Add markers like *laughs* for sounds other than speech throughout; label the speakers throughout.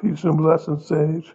Speaker 1: Peace and blessings, Sage.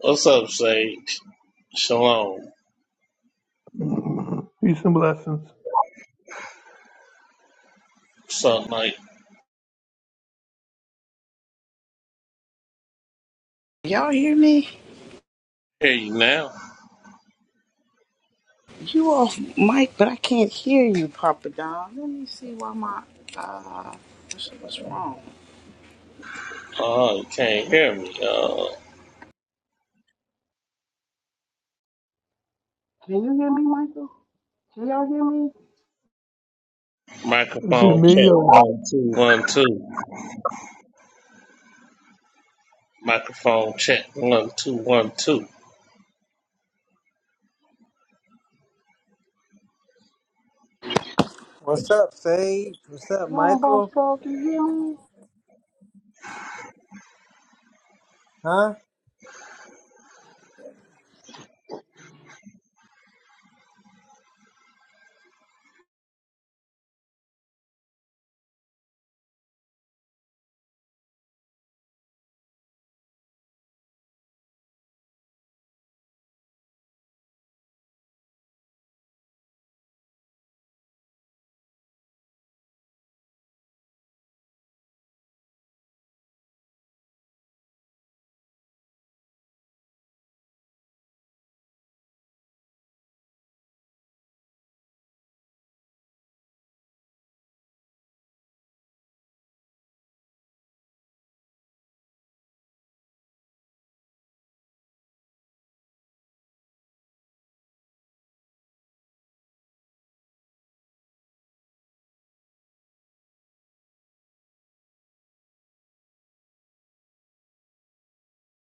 Speaker 2: What's up, Sage? Shalom.
Speaker 1: *laughs* *clears throat* Peace and blessings.
Speaker 2: So, like,
Speaker 3: Y'all hear me?
Speaker 2: hear you now?
Speaker 3: You off mic, but I can't hear you, Papa Don. Let me see why my uh, what's, what's wrong?
Speaker 2: Oh, you can't hear me. Uh,
Speaker 3: Can you hear me, Michael? Can y'all hear me?
Speaker 1: Is it
Speaker 2: microphone
Speaker 1: me
Speaker 2: check
Speaker 1: or?
Speaker 2: one two one two. Microphone check one two one two.
Speaker 4: What's up, Sage? What's up,
Speaker 3: Long boss
Speaker 4: Michael?
Speaker 3: talk. Can you hear me?
Speaker 4: Huh?